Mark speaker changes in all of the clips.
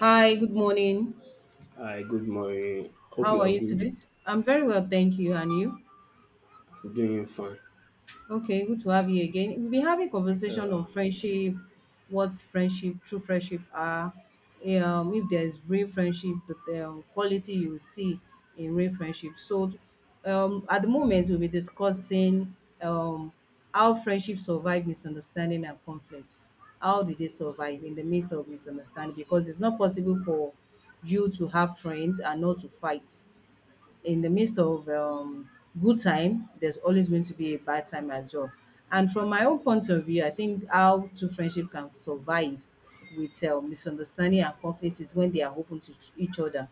Speaker 1: Hi, good morning.
Speaker 2: Hi, good morning. Hope
Speaker 1: How
Speaker 2: you
Speaker 1: are
Speaker 2: are
Speaker 1: you
Speaker 2: good.
Speaker 1: today? I'm very well, thank you. And you?
Speaker 2: I'm doing fine.
Speaker 1: Okay, good to have you again. We'll be having conversation
Speaker 2: Uh,
Speaker 1: on friendship, what friendship, true friendship are, if there's real friendship, the quality you will see in real friendship. So, at the moment, we'll be discussing um, how friendship survive misunderstanding and conflicts. How did they survive in the midst of misunderstanding? Because it's not possible for you to have friends and not to fight in the midst of good time, there's always going to be a bad time as well. And from my own point of view, I think how two friendship can survive with misunderstanding and conflicts is when they are open to each other,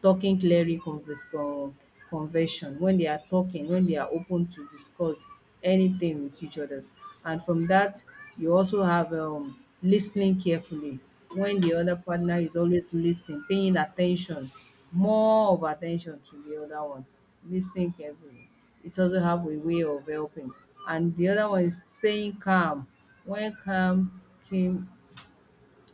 Speaker 1: talking clearly conversion, when they are talking, when they are open to discuss anything with each others. And from that, you also have listening carefully when the other partner is always listening, paying attention, more of attention to the other one, listening carefully. It also have a way of helping. And the other one is staying calm. When calm came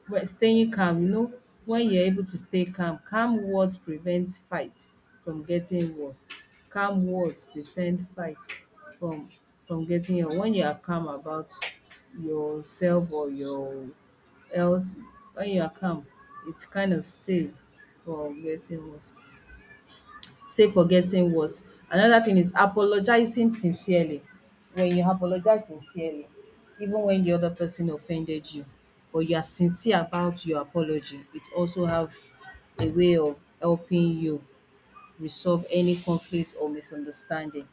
Speaker 1: but staying calm, when you're able to stay calm, calm words prevent fight from getting worse. Calm words defend fight from from getting worse. When you are calm about yourself or your else, when you are calm, it's kind of safe from getting worse. Say for getting worse. Another thing is apologizing sincerely. When you apologize sincerely, even when the other person offended you, but you are sincere about your apology, it also have a way of helping you resolve any conflict or misunderstanding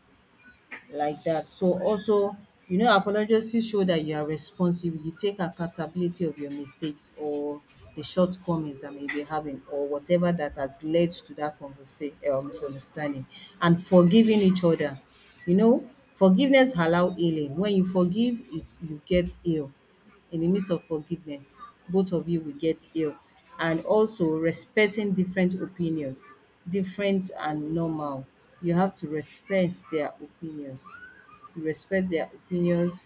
Speaker 1: like that. So also, apologies show that you are responsible. You take accountability of your mistakes or the shortcomings that may be having or whatever that has led to that conversation or misunderstanding. And forgiving each other. Forgiveness allow healing. When you forgive, it's you get healed in the midst of forgiveness, both of you will get healed. And also respecting different opinions, different and normal. You have to respect their opinions. You respect their opinions,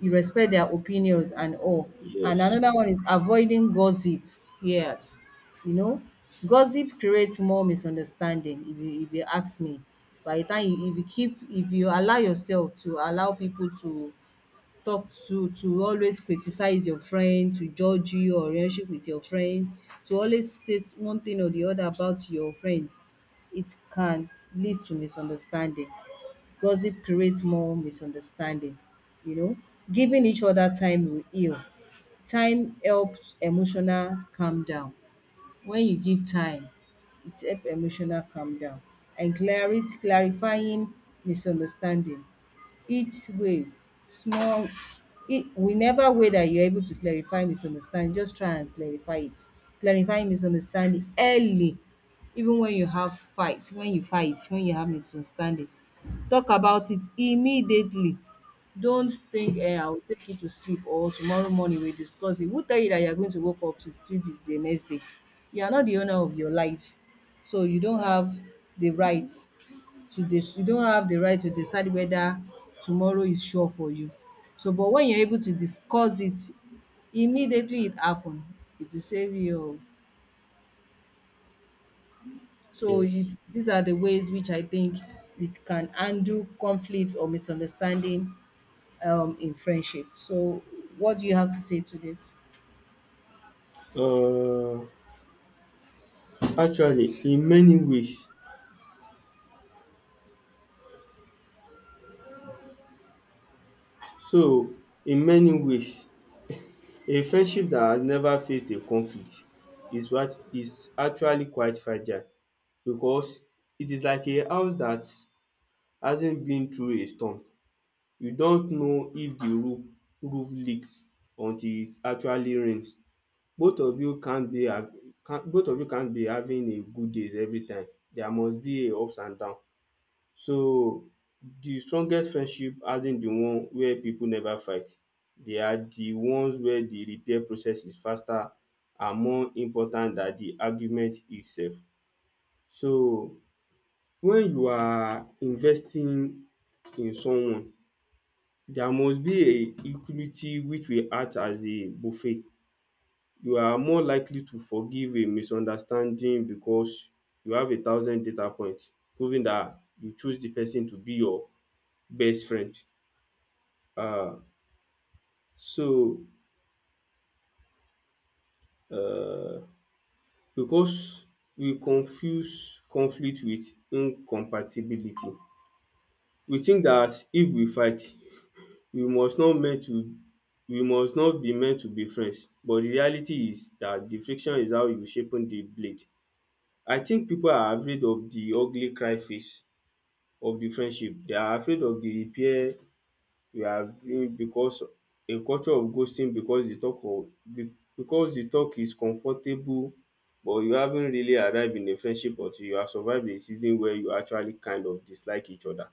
Speaker 1: you respect their opinions and all. And
Speaker 2: yes,
Speaker 1: another one is avoiding gossip. Yes. You know, gossip creates more misunderstanding if you ask me. By the time you if you keep if you allow yourself to allow people to talk to always criticize your friend to judge you or relationship with your friend to always say one thing or the other about your friend it can lead to misunderstanding. Gossip creates more misunderstanding. You know giving each other time will heal. Time helps emotional calm down. When you give time it help emotional calm down, and clarity clarifying misunderstanding each ways small. It, whenever way that you're able to clarify misunderstanding just try and clarify it. Clarify misunderstanding early. Even when you have fight, when you fight when you have misunderstanding, talk about it immediately. Don't think, I'll take it to sleep or tomorrow morning we'll discuss it. Who tell you that you're going to wake up to still the, next day? You are not the owner of your life, so you don't have the right to dec you don't have the right to decide whether tomorrow is sure for you. So but when you're able to discuss it immediately it happen, it will save you of, so
Speaker 2: yes.
Speaker 1: it's, these are the ways which I think it can handle conflict or misunderstanding in friendship. So what do you have to say to this?
Speaker 2: Uh, Actually, in many ways, so in many ways, a friendship that has never faced a conflict is what is actually quite fragile because it is like a house that hasn't been through a storm. You don't know if the roof leaks until it actually rains. Both of you can't be hav- can't both of you can't be having a good days every time. There must be a ups and down. So the strongest friendship hasn't the one where people never fight. They are the ones where the repair process is faster and more important than the argument itself. So when you are investing in someone, there must be a equity which will act as a buffet. You are more likely to forgive a misunderstanding because you have a thousand data points proving that you choose the person to be your best friend. Um so because we confuse conflict with incompatibility. We think that if we fight, we must not meant to we must not be meant to be friends, but the reality is that the friction is how you sharpen the blade. I think people are afraid of the ugly cry face of the friendship. They are afraid of the repair we are doing because a culture of ghosting, because the talk of be- because the talk is comfortable, but you haven't really arrive in a friendship until you have survive a season where you actually kind of dislike each other.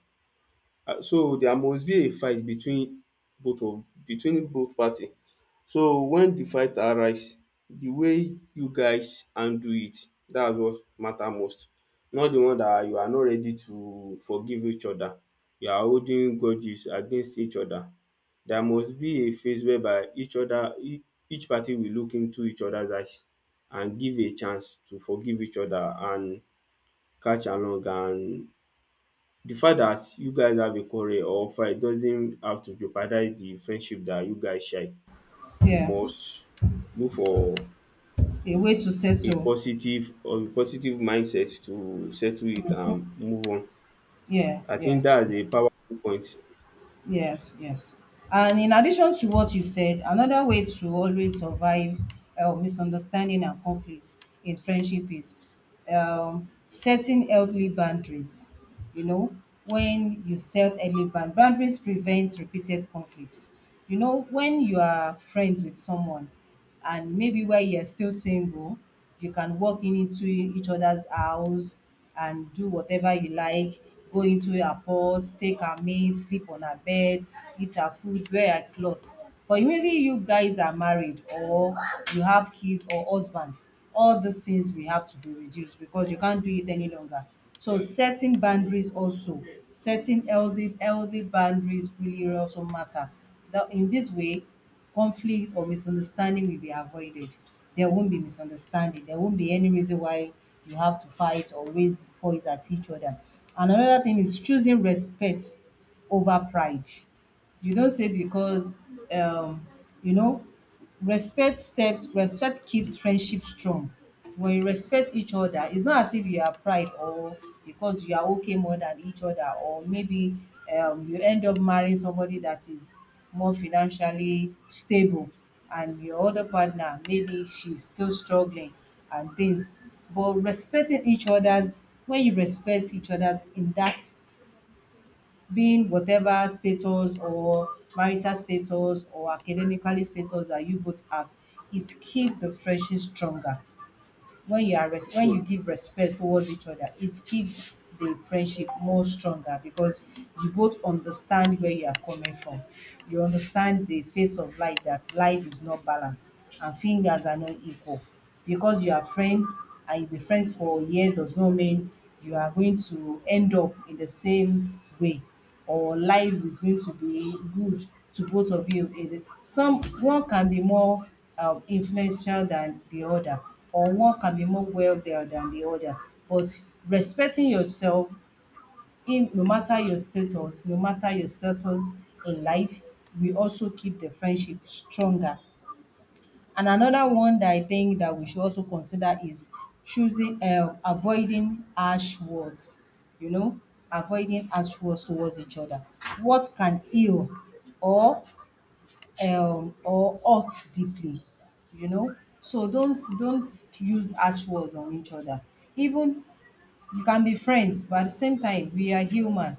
Speaker 2: So there must be a fight between both party. So when the fight arise, the way you guys handle it, that's what matter most, not the one that you are not ready to forgive each other, you are holding grudges against each other. There must be a phase whereby each other e- each party will look into each other's eyes and give a chance to forgive each other and catch along, and the fact that you guys have a quarrel or fight doesn't have to jeopardize the friendship that you guys share. You
Speaker 1: Yeah,
Speaker 2: must look for
Speaker 1: a way to settle.
Speaker 2: a positive mindset to settle it and move on.
Speaker 1: Yes,
Speaker 2: I think
Speaker 1: yes,
Speaker 2: that's a
Speaker 1: yes.
Speaker 2: powerful point.
Speaker 1: Yes, yes. And in addition to what you said, another way to always survive misunderstanding and conflicts in friendship is setting healthy boundaries. You know, when you set healthy boundaries prevent repeated conflicts. You know, when you are friends with someone and maybe while you're still single you can walk in into each other's house and do whatever you like, go into her pot, take her maid, sleep on her bed, eat her food, wear her clothes. But immediately you guys are married, or you have kids or husband, all these things will have to be reduced because you can't do it any longer. So setting boundaries also, setting healthy boundaries really also matter. Now in this way conflicts or misunderstanding will be avoided. There won't be misunderstanding. There won't be any reason why you have to fight or raise voice at each other. And another thing is choosing respect over pride. You don't say because um, you know respect steps, respect keeps friendship strong. When you respect each other, it's not as if you are pride or because you are okay more than each other, or maybe you end up marrying somebody that is more financially stable, and your other partner maybe she's still struggling and things. But respecting each other's, when you respect each other's in that being whatever status or marital status or academically status that you both have, it keep the friendship stronger. When you are when
Speaker 2: um
Speaker 1: you give respect towards each other, it keep the friendship more stronger because you both understand where you are coming from. You understand the face of life that life is not balanced and fingers are not equal. Because you are friends and you be friends for a year does not mean you are going to end up in the same way or life is going to be good to both of you. Some one can be more influential than the other, or one can be more well there than the other. But respecting yourself, in no matter your status, no matter your status in life, we also keep the friendship stronger. And another one that I think that we should also consider is choosing avoiding harsh words, you know, avoiding harsh words towards each other. Words can heal or hurt deeply, you know. So don't use harsh words on each other. Even you can be friends, but at the same time we are human,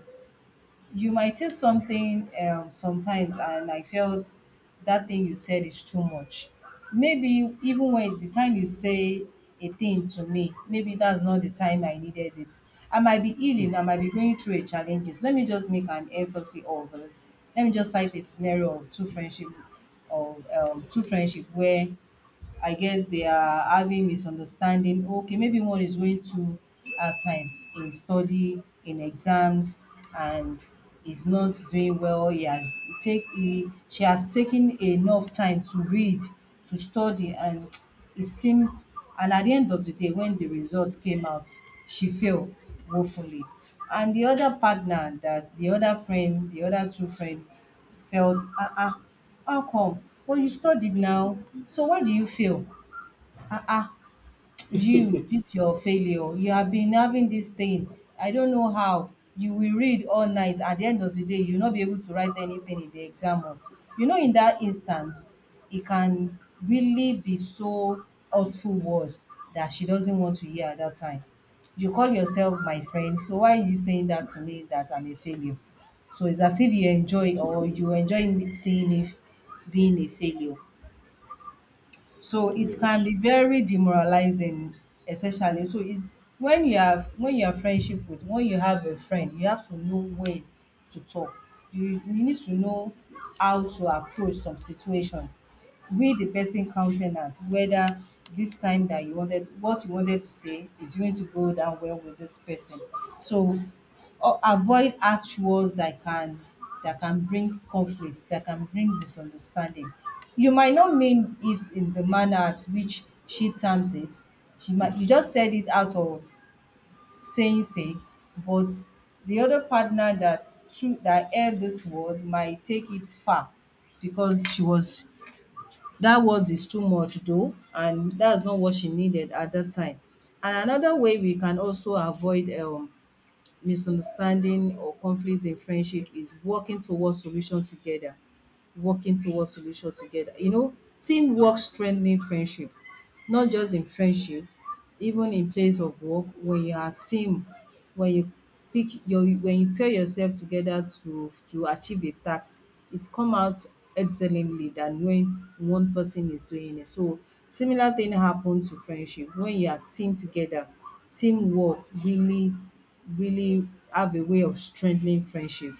Speaker 1: you might say something sometimes, and I felt that thing you said is too much. Maybe even when the time you say a thing to me, maybe that's not the time I needed it. I might be healing, I might be going through a challenges. Let me just cite a scenario of two friendship where I guess they are having misunderstanding. Okay, maybe one is going too hard time in study, in exams, and is not doing well. He has he take he, she has taken enough time to read, to study, and it seems. And at the end of the day, when the results came out, she failed woefully. And the other partner, that the other friend, the other two friend felt: Ah ah, how come? Well, you studied now, so why do you fail? Ah ah, you this your failure, you have been having this thing. I don't know how you will read all night, at the end of the day you will not be able to write anything in the exam hall. In that instance it can really be so hurtful word that she doesn't want to hear at that time. You call yourself my friend, so why are you saying that to me, that I'm a failure? So it's as if you enjoy, or you enjoy seeing me being a failure. So it can
Speaker 2: Yes.
Speaker 1: be very demoralizing, especially. So it's when you have friendship with, when you have a friend, you have to know when to talk. You need to know how to approach some situation with the person countenance, whether this time that you wanted, what you wanted to say is going to go down well with this person. So, or avoid harsh words that can bring conflict, that can bring misunderstanding. You might not mean it in the manner at which she terms it. She might, you just said it out of saying sake, but the other partner that's true that heard this word might take it far because she was, that word is too much though, and that's not what she needed at that time. And another way we can also avoid misunderstanding or conflicts in friendship is working towards solutions together, working towards solutions together. Teamwork strengthening friendship, not just in friendship, even in place of work, when you are a team, when you pair yourself together to achieve a task, it come out excellently than when one person is doing it. So similar thing happen to friendship. When you are team together, teamwork really have a way of strengthening friendship.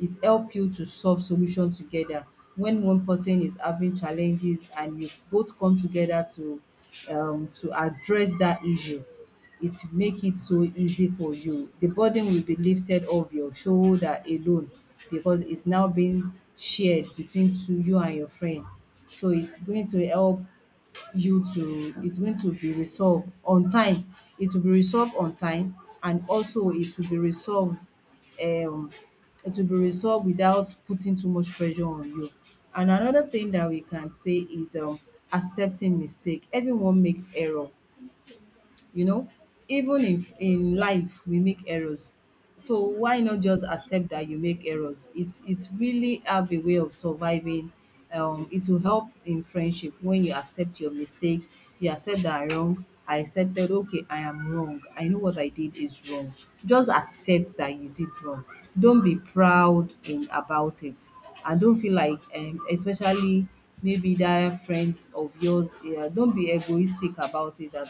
Speaker 1: It help you to solve solution together when one person is having challenges and you both come together to address that issue. It make it so easy for you, the burden will be lifted off your shoulder alone because it's now being shared between two, you and your friend. So it's going to help you to it's going to be resolved on time. It will be resolved on time, and also it will be resolved, um it will be resolved without putting too much pressure on you. And another thing that we can say is accepting mistake. Everyone makes error, you know, even if in life we make errors. So why not just accept that you make errors? It's really have a way of surviving. It will help in friendship when you accept your mistakes. You accept that I'm wrong. I accept that, okay, I am wrong, I know what I did is wrong. Just accept that you did wrong. Don't be proud in about it, and don't feel like especially maybe that friends of yours, yeah, don't be egoistic about it. That,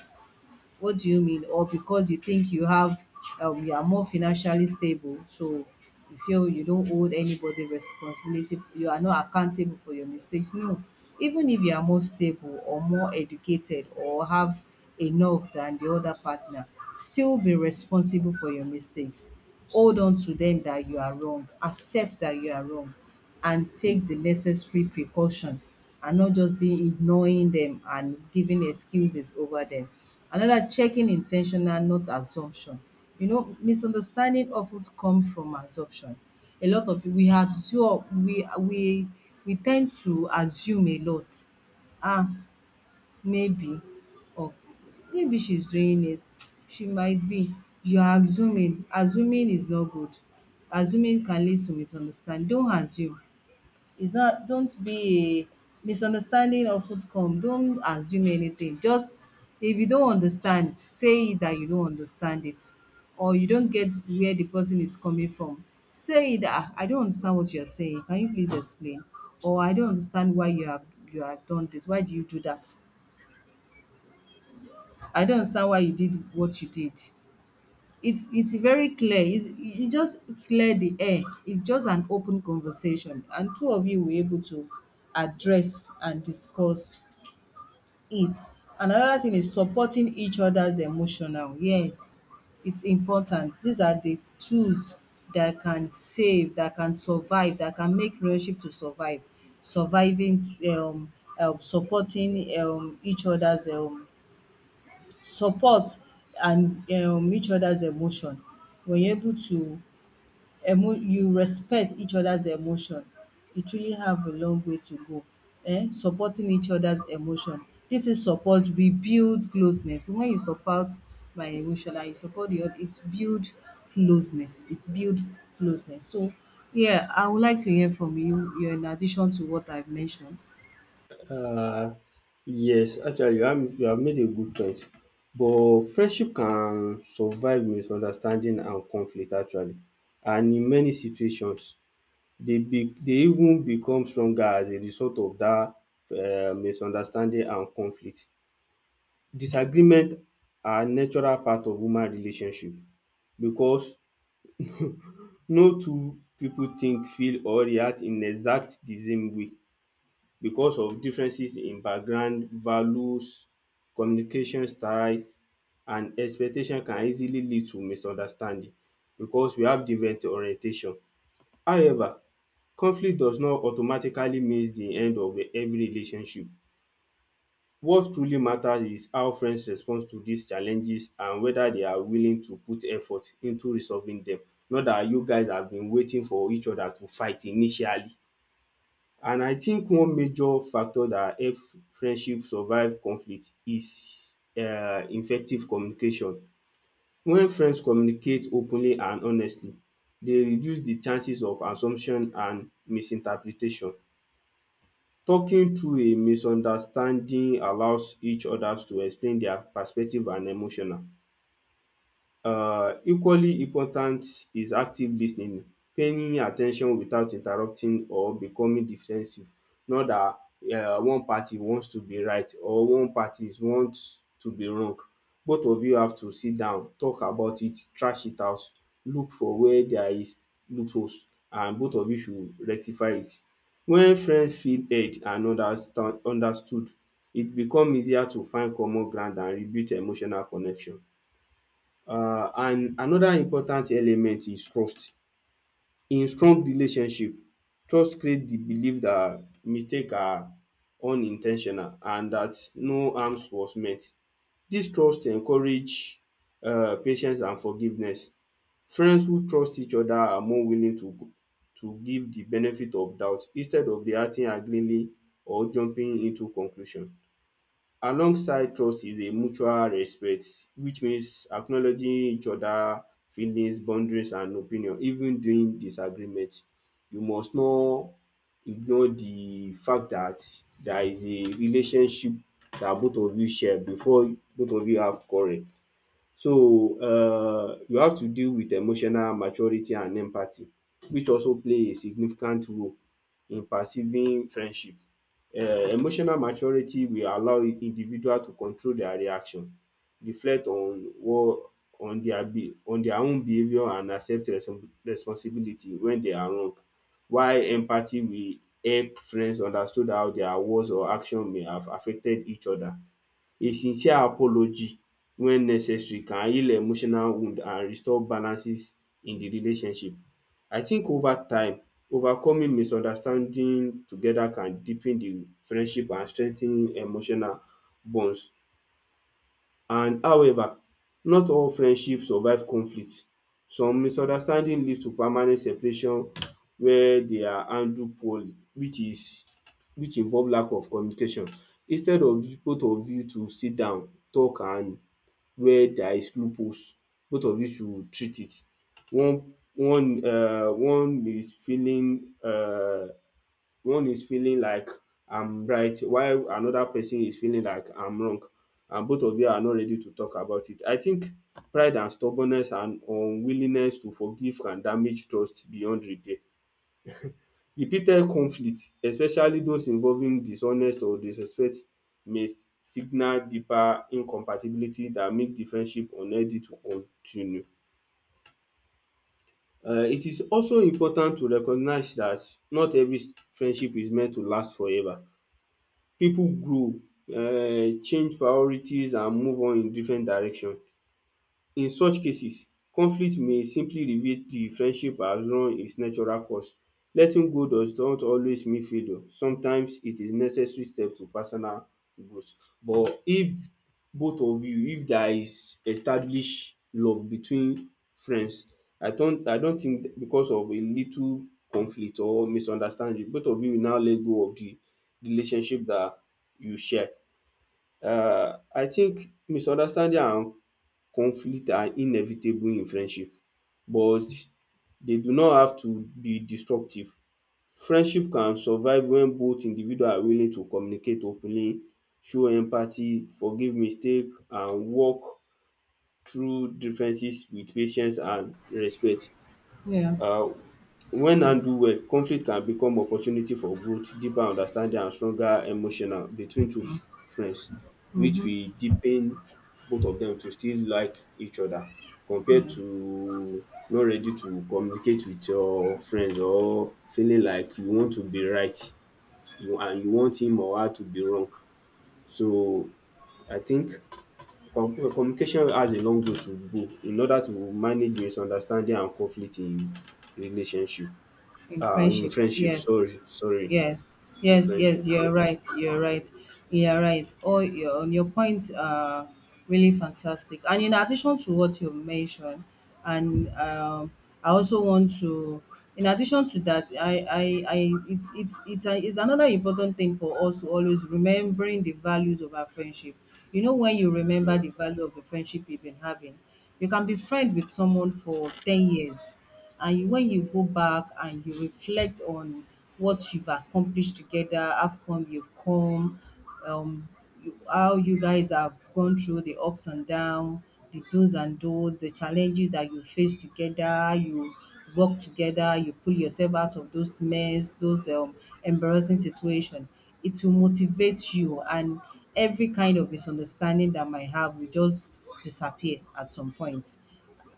Speaker 1: what do you mean? Or because you think you have, you are more financially stable, so you feel you don't hold anybody responsibility, you are not accountable for your mistakes. No, even if you are more stable or more educated or have enough than the other partner, still be responsible for your mistakes. Hold on to them that you are wrong, accept that you are wrong and take the necessary precaution and not just be ignoring them and giving excuses over them. Another, checking intentional, not assumption. You know, misunderstanding often come from assumption. A lot of people, we absorb, we tend to assume a lot. Ah, maybe, or maybe she's doing it. She might be. You're assuming. Assuming is not good. Assuming can lead to misunderstanding. Don't assume. It's not don't be a misunderstanding of outcome. Don't assume anything. Just if you don't understand, say that you don't understand it or you don't get where the person is coming from. Say that, "Ah, I don't understand what you're saying. Can you please explain?" Or, "I don't understand why you have done this. Why do you do that? I don't understand why you did what you did." It's very clear, it's you just clear the air. It's just an open conversation, and two of you were able to address and discuss it. Another thing is supporting each other's emotional. Yes, it's important. These are the tools that can save, that can survive, that can make relationship to survive. Surviving, supporting, each other's, support and each other's emotion. When you're able to emo you respect each other's emotion, it really have a long way to go. Supporting each other's emotion. Dis is support rebuild closeness. When you support my emotion and you support the oth it build closeness, it build closeness. So yeah, I would like to hear from you, yeah, in addition to what I've mentioned.
Speaker 2: um Yes, actually you have made a good point. But friendship can survive misunderstanding and conflict actually, and in many situations dey even become stronger as a result of dat misunderstanding and conflict. Disagreement are natural part of human relationship because no two pipu think, feel or react in exact the same way because of differences in background, values, communication style and expectation can easily lead to misunderstanding because we have different orientation. However, conflict does not automatically mean the end of every relationship. What truly matters is how friends respond to these challenges and whether they are willing to put effort into resolving them. Not that you guys have been waiting for each other to fight initially. And I think one major factor that help friendship survive conflict is effective communication. When friends communicate openly and honestly, they reduce the chances of assumption and misinterpretation. Talking through a misunderstanding allows each others to explain their perspective and emotional. Equally important is active lis ten ing, paying at ten tion without interrupting or becoming defensive. Not dat one party wants to be right or one party wants to be wrong. Both of you have to sit down, talk about it, thrash it out, look for where there is loopholes, and both of you should rectify it. When friends feel heard and understand understood, it become easier to find common ground and rebuild emotional connection. And another important element is trust. In strong relationship, trust creates the belief that mistakes are unintentional and that no harm was meant. This trust encourage patience and forgiveness. Friends who trust each other are more willing to give the benefit of doubt instead of reacting angrily or jumping into conclusion. Alongside trust is a mutual respect, which means acknowledging each other feelings, boundaries and opinion even during disagreement. You must not ignore the fact that there is a relationship that both of you share before both of you have quarrel. So you have to deal with emotional maturity and empathy, which also play a significant role in perceiving friendship. um Emotional maturity will allow individual to control their reaction, reflect on what on their own behaviour and accept responsibility when they are wrong. While empathy will help friends understood how their words or action may have affected each other. A sincere apology when necessary can heal emotional wound and restore balances in the relationship. I think over time, overcoming misunderstanding together can deepen the friendship and strengthen emotional bonds, and however, not all friendship survive conflict. Some misunderstanding lead to permanent separation where they are handled poorly, which involve lack of communication. Instead of both of you to sit down talk, and where there is loopholes, both of you should treat it. One one um one is feeling um One is feeling like I'm right while another person is feeling like I'm wrong and both of you are not ready to talk about it. I think pride and stubbornness and unwillingness to forgive can damage trust beyond repair. Repeated conflict, especially those involving dishonest or disrespect, may signal deeper incompatibility that make the friendship unhealthy to continue. It is also important to recognize that not every friendship is meant to last forever. People grow, change priorities and move on in different direction. In such cases, conflict may simply reveal the friendship has run its natural course. Letting go does not always mean failure. Sometimes it is necessary step to personal growth. But if both of you if there is established love between friends, I don't think because of a little conflict or misunderstanding, both of you will now let go of the relationship that you share. I think misunderstanding and conflict are inevitable in friendship, but they do not have to be destructive. Friendship can survive when both individual are willing to communicate openly, show empathy, forgive mistake and work through differences with patience and respect.
Speaker 1: Yeah,
Speaker 2: um When handled well, conflict can become opportunity for growth, deeper understanding and stronger emotional between two friends, which will deepen both of dem to still like each other compared
Speaker 1: yeah,
Speaker 2: to not ready to communicate with your friends or feeling like you want to be right you and you want him or her to be wrong. So I think communication has a long way to go in order to manage misunderstanding and conflict in relationship.
Speaker 1: in
Speaker 2: In
Speaker 1: friendship,
Speaker 2: friendship,
Speaker 1: yes.
Speaker 2: sorry, sorry,
Speaker 1: Yes,
Speaker 2: in
Speaker 1: yes, yes,
Speaker 2: friendship, yeah,
Speaker 1: you're right, you're right, you're right. Oh, your points are really fantastic. And in addition to what you mentioned, and I also want to, in addition to that, I it's another important thing for us to always remembering the values of our friendship. You know, when you remember the
Speaker 2: yes.
Speaker 1: value of the friendship you've been having, you can be friend with someone for 10 years, and you, when you go back and you reflect on what you've accomplished together, how come you've come, um, you, how you guys have gone through the ups and downs, the do's and don'ts, the challenges that you face together, how you work together, you pull yourself out of those mess, those embarrassing situation. It will motivate you, and every kind of misunderstanding that might have will just disappear at some point.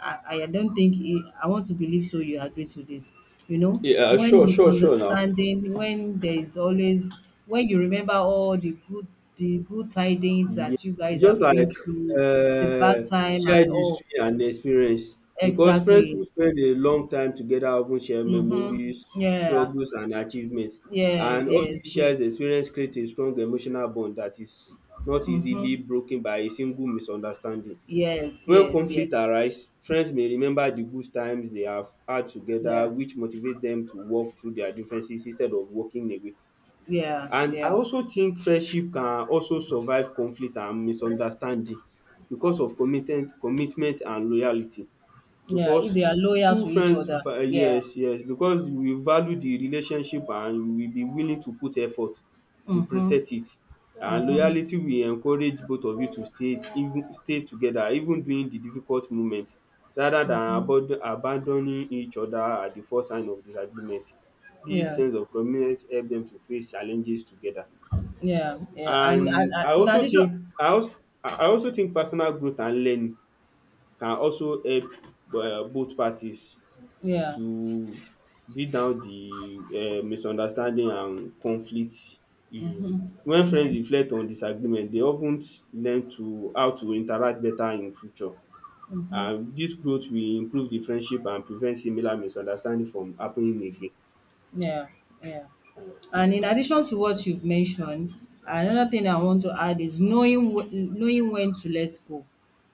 Speaker 1: I don't think he, I want to believe so you agree to this. You know,
Speaker 2: Yeah,
Speaker 1: when
Speaker 2: sure, sure, sure. Now,
Speaker 1: misunderstanding, when there is always when you remember all the good tidings
Speaker 2: yeah,
Speaker 1: that you guys
Speaker 2: it's just
Speaker 1: have
Speaker 2: like
Speaker 1: been through, the bad time and
Speaker 2: shared
Speaker 1: all.
Speaker 2: history and experience because friends
Speaker 1: Exactly.
Speaker 2: who spend a long time together often share
Speaker 1: Mm-hmm.
Speaker 2: memories,
Speaker 1: Yeah.
Speaker 2: struggles, and achievements. And
Speaker 1: Yes,
Speaker 2: all these
Speaker 1: yes,
Speaker 2: shared
Speaker 1: yes.
Speaker 2: experience create a strong emotional bond that is not
Speaker 1: Mm-hmm.
Speaker 2: easily broken by a single misunderstanding.
Speaker 1: Yes,
Speaker 2: When
Speaker 1: yes,
Speaker 2: conflict
Speaker 1: yes.
Speaker 2: arise, friends may remember the good times they have had together,
Speaker 1: Yeah.
Speaker 2: which motivate dem to work through their differences instead of walking away.
Speaker 1: Yeah.
Speaker 2: And I
Speaker 1: Yeah.
Speaker 2: also think friendship can also survive conflict and misunderstanding because of committed commitment and loyalty,
Speaker 1: Yeah. If
Speaker 2: because
Speaker 1: they are loyal
Speaker 2: true
Speaker 1: to each
Speaker 2: friends,
Speaker 1: other. Yeah.
Speaker 2: yes, yes, because you will value the relationship and you will be willing to put effort to
Speaker 1: Mm-hmm.
Speaker 2: protect it, and loyalty will encourage both of you to stay, even stay together even during the difficult moment rather than abod abandoning each other at the first sign of disagreement. Dis
Speaker 1: Yeah.
Speaker 2: sense of commitment help dem to face challenges together.
Speaker 1: Yeah, yeah,
Speaker 2: And
Speaker 1: and
Speaker 2: I
Speaker 1: in
Speaker 2: also
Speaker 1: addition,
Speaker 2: think, I also think personal growth and learning can also help both parties
Speaker 1: yeah,
Speaker 2: to beat down the misunderstanding and conflict issue. When friends reflect on disagreement they of ten learn to how to interact better in future, and dis growth will improve the friendship and prevent similar misunderstanding from happening again.
Speaker 1: yeah, yeah, and in addition to what you've mentioned, another thing I want to add is knowing when to let go.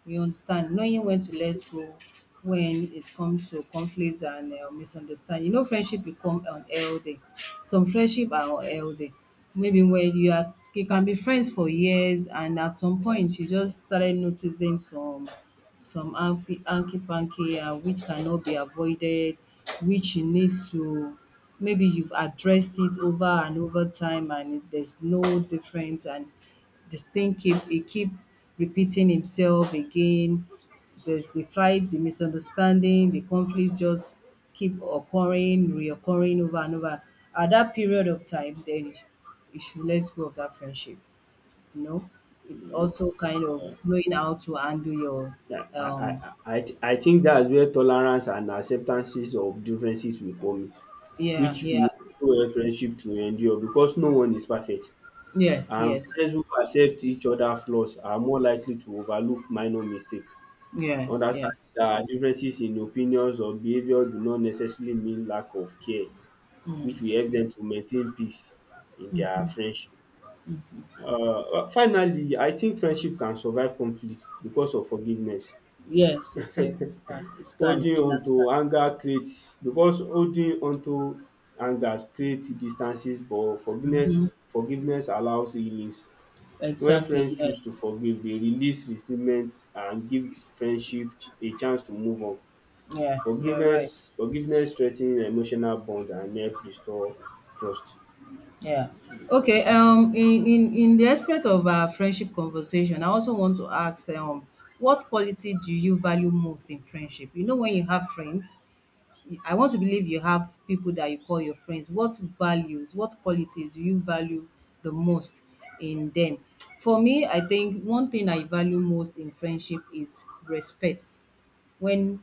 Speaker 1: You understand, knowing when to let go when it comes to conflicts and misunderstanding. You know, friendship become unhealthy. Some friendship are unhealthy. Maybe when you are, you can be friends for years, and at some point you just started noticing some hanky panky and which cannot be avoided, which you need to maybe you've addressed it over and over time and it, there's no difference and this thing keep repeating himself again. There's the fight, the misunderstanding, the conflict just keep occurring, reoccurring over and over. At that period of time, then you should let go of that friendship, you know. It's also kind of
Speaker 2: um
Speaker 1: knowing how to handle your
Speaker 2: I
Speaker 1: um
Speaker 2: I I I think dats where tolerance and acceptances of differences will come in,
Speaker 1: yeah,
Speaker 2: which will
Speaker 1: yeah.
Speaker 2: help friendship to endure because no one is perfect.
Speaker 1: Yes,
Speaker 2: And
Speaker 1: yes.
Speaker 2: friends who accept each other flaws are more likely to overlook minor mistake,
Speaker 1: Yes,
Speaker 2: understanding
Speaker 1: yes.
Speaker 2: that differences in opinions or behavior do not necessarily mean lack of care, which will help them to maintain peace in their friendship. Uh, Finally, I think friendship can survive conflict because of forgiveness.
Speaker 1: Yes, it is. It's can. It's can in that can.
Speaker 2: Holding on to anger creates distances, but forgiveness allows healings. When
Speaker 1: Exactly.
Speaker 2: friends choose to
Speaker 1: Yes.
Speaker 2: forgive, they release resentment and give friendship a chance to move on.
Speaker 1: Yes, you're right.
Speaker 2: Forgiveness strengthens emotional bonds and help restore trust.
Speaker 1: Yeah. Okay. In the aspect of our friendship conversation, I also want to ask, what quality do you value most in friendship? You know, when you have friends, I want to believe you have people that you call your friends. What values, what qualities do you value the most in them? For me, I think one thing I value most in friendship is respect. When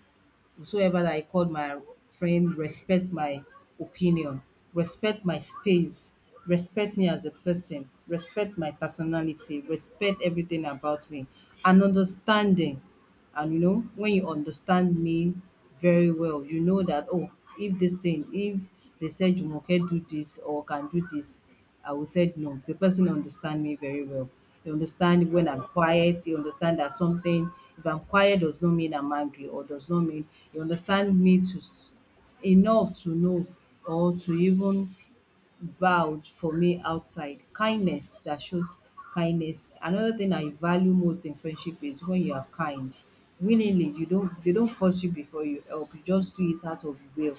Speaker 1: whosoever that I call my friend respect my opinion, respect my space, respect me as a person, respect my personality, respect everything about me, and understanding. And you know, when you understand me very well, you know that, oh, if this thing if they said Jumoke do this or can do this, I will said no, the person understand me very well. He understand when I'm quiet, he understand that something, if I'm quiet does not mean I'm angry or does not mean. You understand me to enough to know or to even vouch for me outside. Kindness, that shows kindness. Another thing I value most in friendship is when you are kind. Willingly, you don't, they don't force you before you help. You just do it out of will.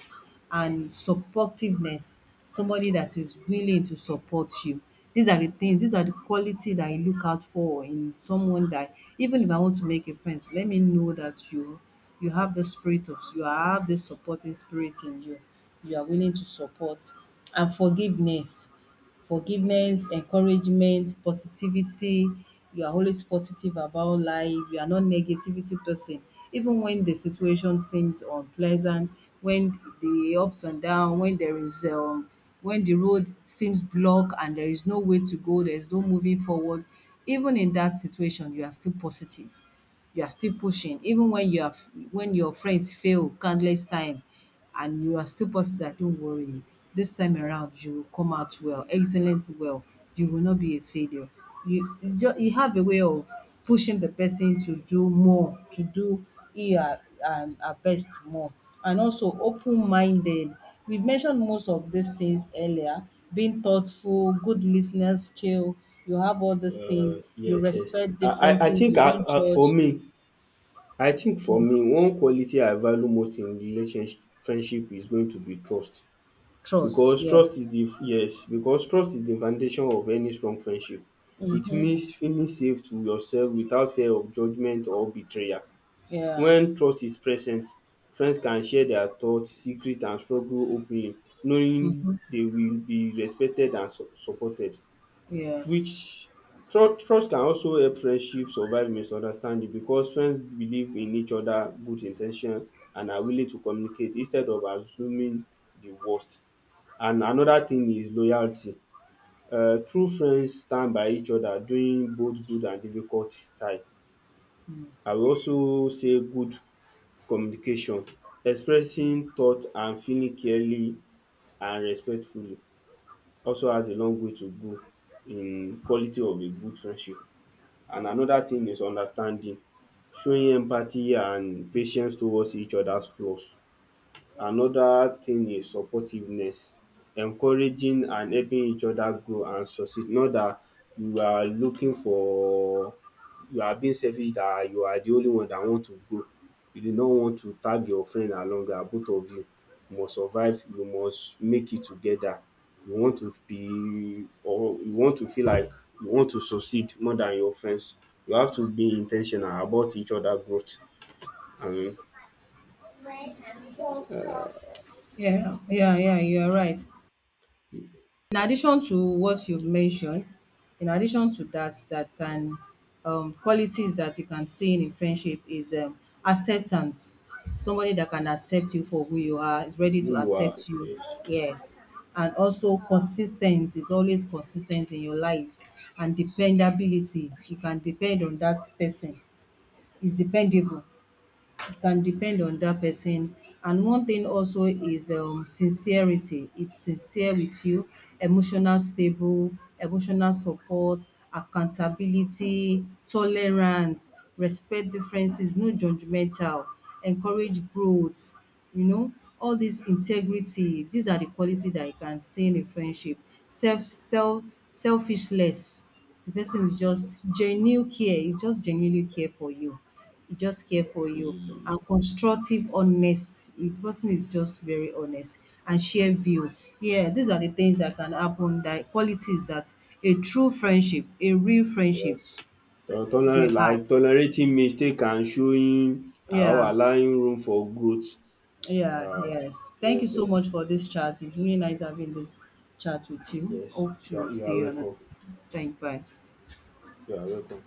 Speaker 1: And supportiveness, somebody that is willing to support you. These are the things, these are the quality that I look out for in someone, that even if I want to make a friend, let me know that you have the spirit of, you have this supporting spirit in you, you are willing to support. And forgiveness. Forgiveness, encouragement, positivity. You are always positive about life. You are not negativity person. Even when the situation seems unpleasant, when the ups and down, when there is when the road seems blocked and there is no way to go, there is no moving forward, even in that situation, you are still positive. You are still pushing even when you have, when your friends fail countless time, and you are still positive that don't worry, this time around you will come out well, excellent, well, you will not be a failure. You just, you have a way of pushing the person to do more, to do her, her best more. And also open-minded, we've mentioned most of these things earlier, being thoughtful, good listener skill, you have all these things, you
Speaker 2: Yes, yes.
Speaker 1: respect
Speaker 2: I
Speaker 1: differences,
Speaker 2: think
Speaker 1: you don't
Speaker 2: I, for
Speaker 1: judge.
Speaker 2: me, I think for me,
Speaker 1: Yes.
Speaker 2: one quality I value most in relationship friendship is going to be trust.
Speaker 1: Trust,
Speaker 2: Because trust is
Speaker 1: yes.
Speaker 2: the Yes, because trust is the foundation of any strong friendship. It means feeling safe to yourself without fear of judgment or betrayal.
Speaker 1: Yeah,
Speaker 2: When trust is present, friends can share their thoughts, secret and struggle openly, knowing they will be respected and supported,
Speaker 1: yeah,
Speaker 2: which trust can also help friendship survive misunderstanding because friends believe in each other good in ten tion and are willing to communicate instead of assuming the worst. And another thing is loyalty. True friends stand by each other during both good and difficult time. I will also say good communication. Expressing thought and feeling clearly and respectfully also has a long way to go in quality of a good friendship. And another thing is understanding. Showing empathy and patience towards each other's flaws. Another thing is supportiveness, encouraging and helping each other grow and succeed. Not that you are looking for you are being selfish, that you are the only one that want to grow. You do not want to tag your friend along, that both of you must survive, you must make it together. You want to be, or you want to feel like you want to succeed more than your friends. You have to be in ten tional about each other growth and
Speaker 1: yeah, you're right. In addition to what you've mentioned, in addition to that, that can, qualities that you can see in a friendship is, acceptance. Somebody that can accept you for who you are, is ready
Speaker 2: who
Speaker 1: to
Speaker 2: you are.
Speaker 1: accept you,
Speaker 2: Yes.
Speaker 1: yes. And also consistent, it's always consistent in your life. And dependability, you can depend on that person, is dependable. It can depend on that person. And one thing also is, sincerity. It's sincere with you, emotional stable, emotional support, accountability, tolerance, respect differences, no judgmental, encourage growth, you know, all this integrity. These are the quality that you can see in a friendship. Selfishness. The person is just genuine care. He just genuinely care for you. He just care for you.
Speaker 2: Mm.
Speaker 1: And constructive honest. The person is just very honest and share view. Yeah, these are the things that can happen, that qualities that a true friendship, a real friendship
Speaker 2: Yes.
Speaker 1: will have.
Speaker 2: Like tolerating mistake can showing or
Speaker 1: Yeah,
Speaker 2: allowing room for growth.
Speaker 1: yeah,
Speaker 2: um
Speaker 1: yes. Thank you
Speaker 2: yes,
Speaker 1: so
Speaker 2: yes,
Speaker 1: much for this chat. It's really nice having this chat with you.
Speaker 2: yes,
Speaker 1: Hope
Speaker 2: you are,
Speaker 1: to
Speaker 2: you
Speaker 1: see
Speaker 2: are
Speaker 1: you on a
Speaker 2: welcome.
Speaker 1: thank bye.
Speaker 2: You are welcome.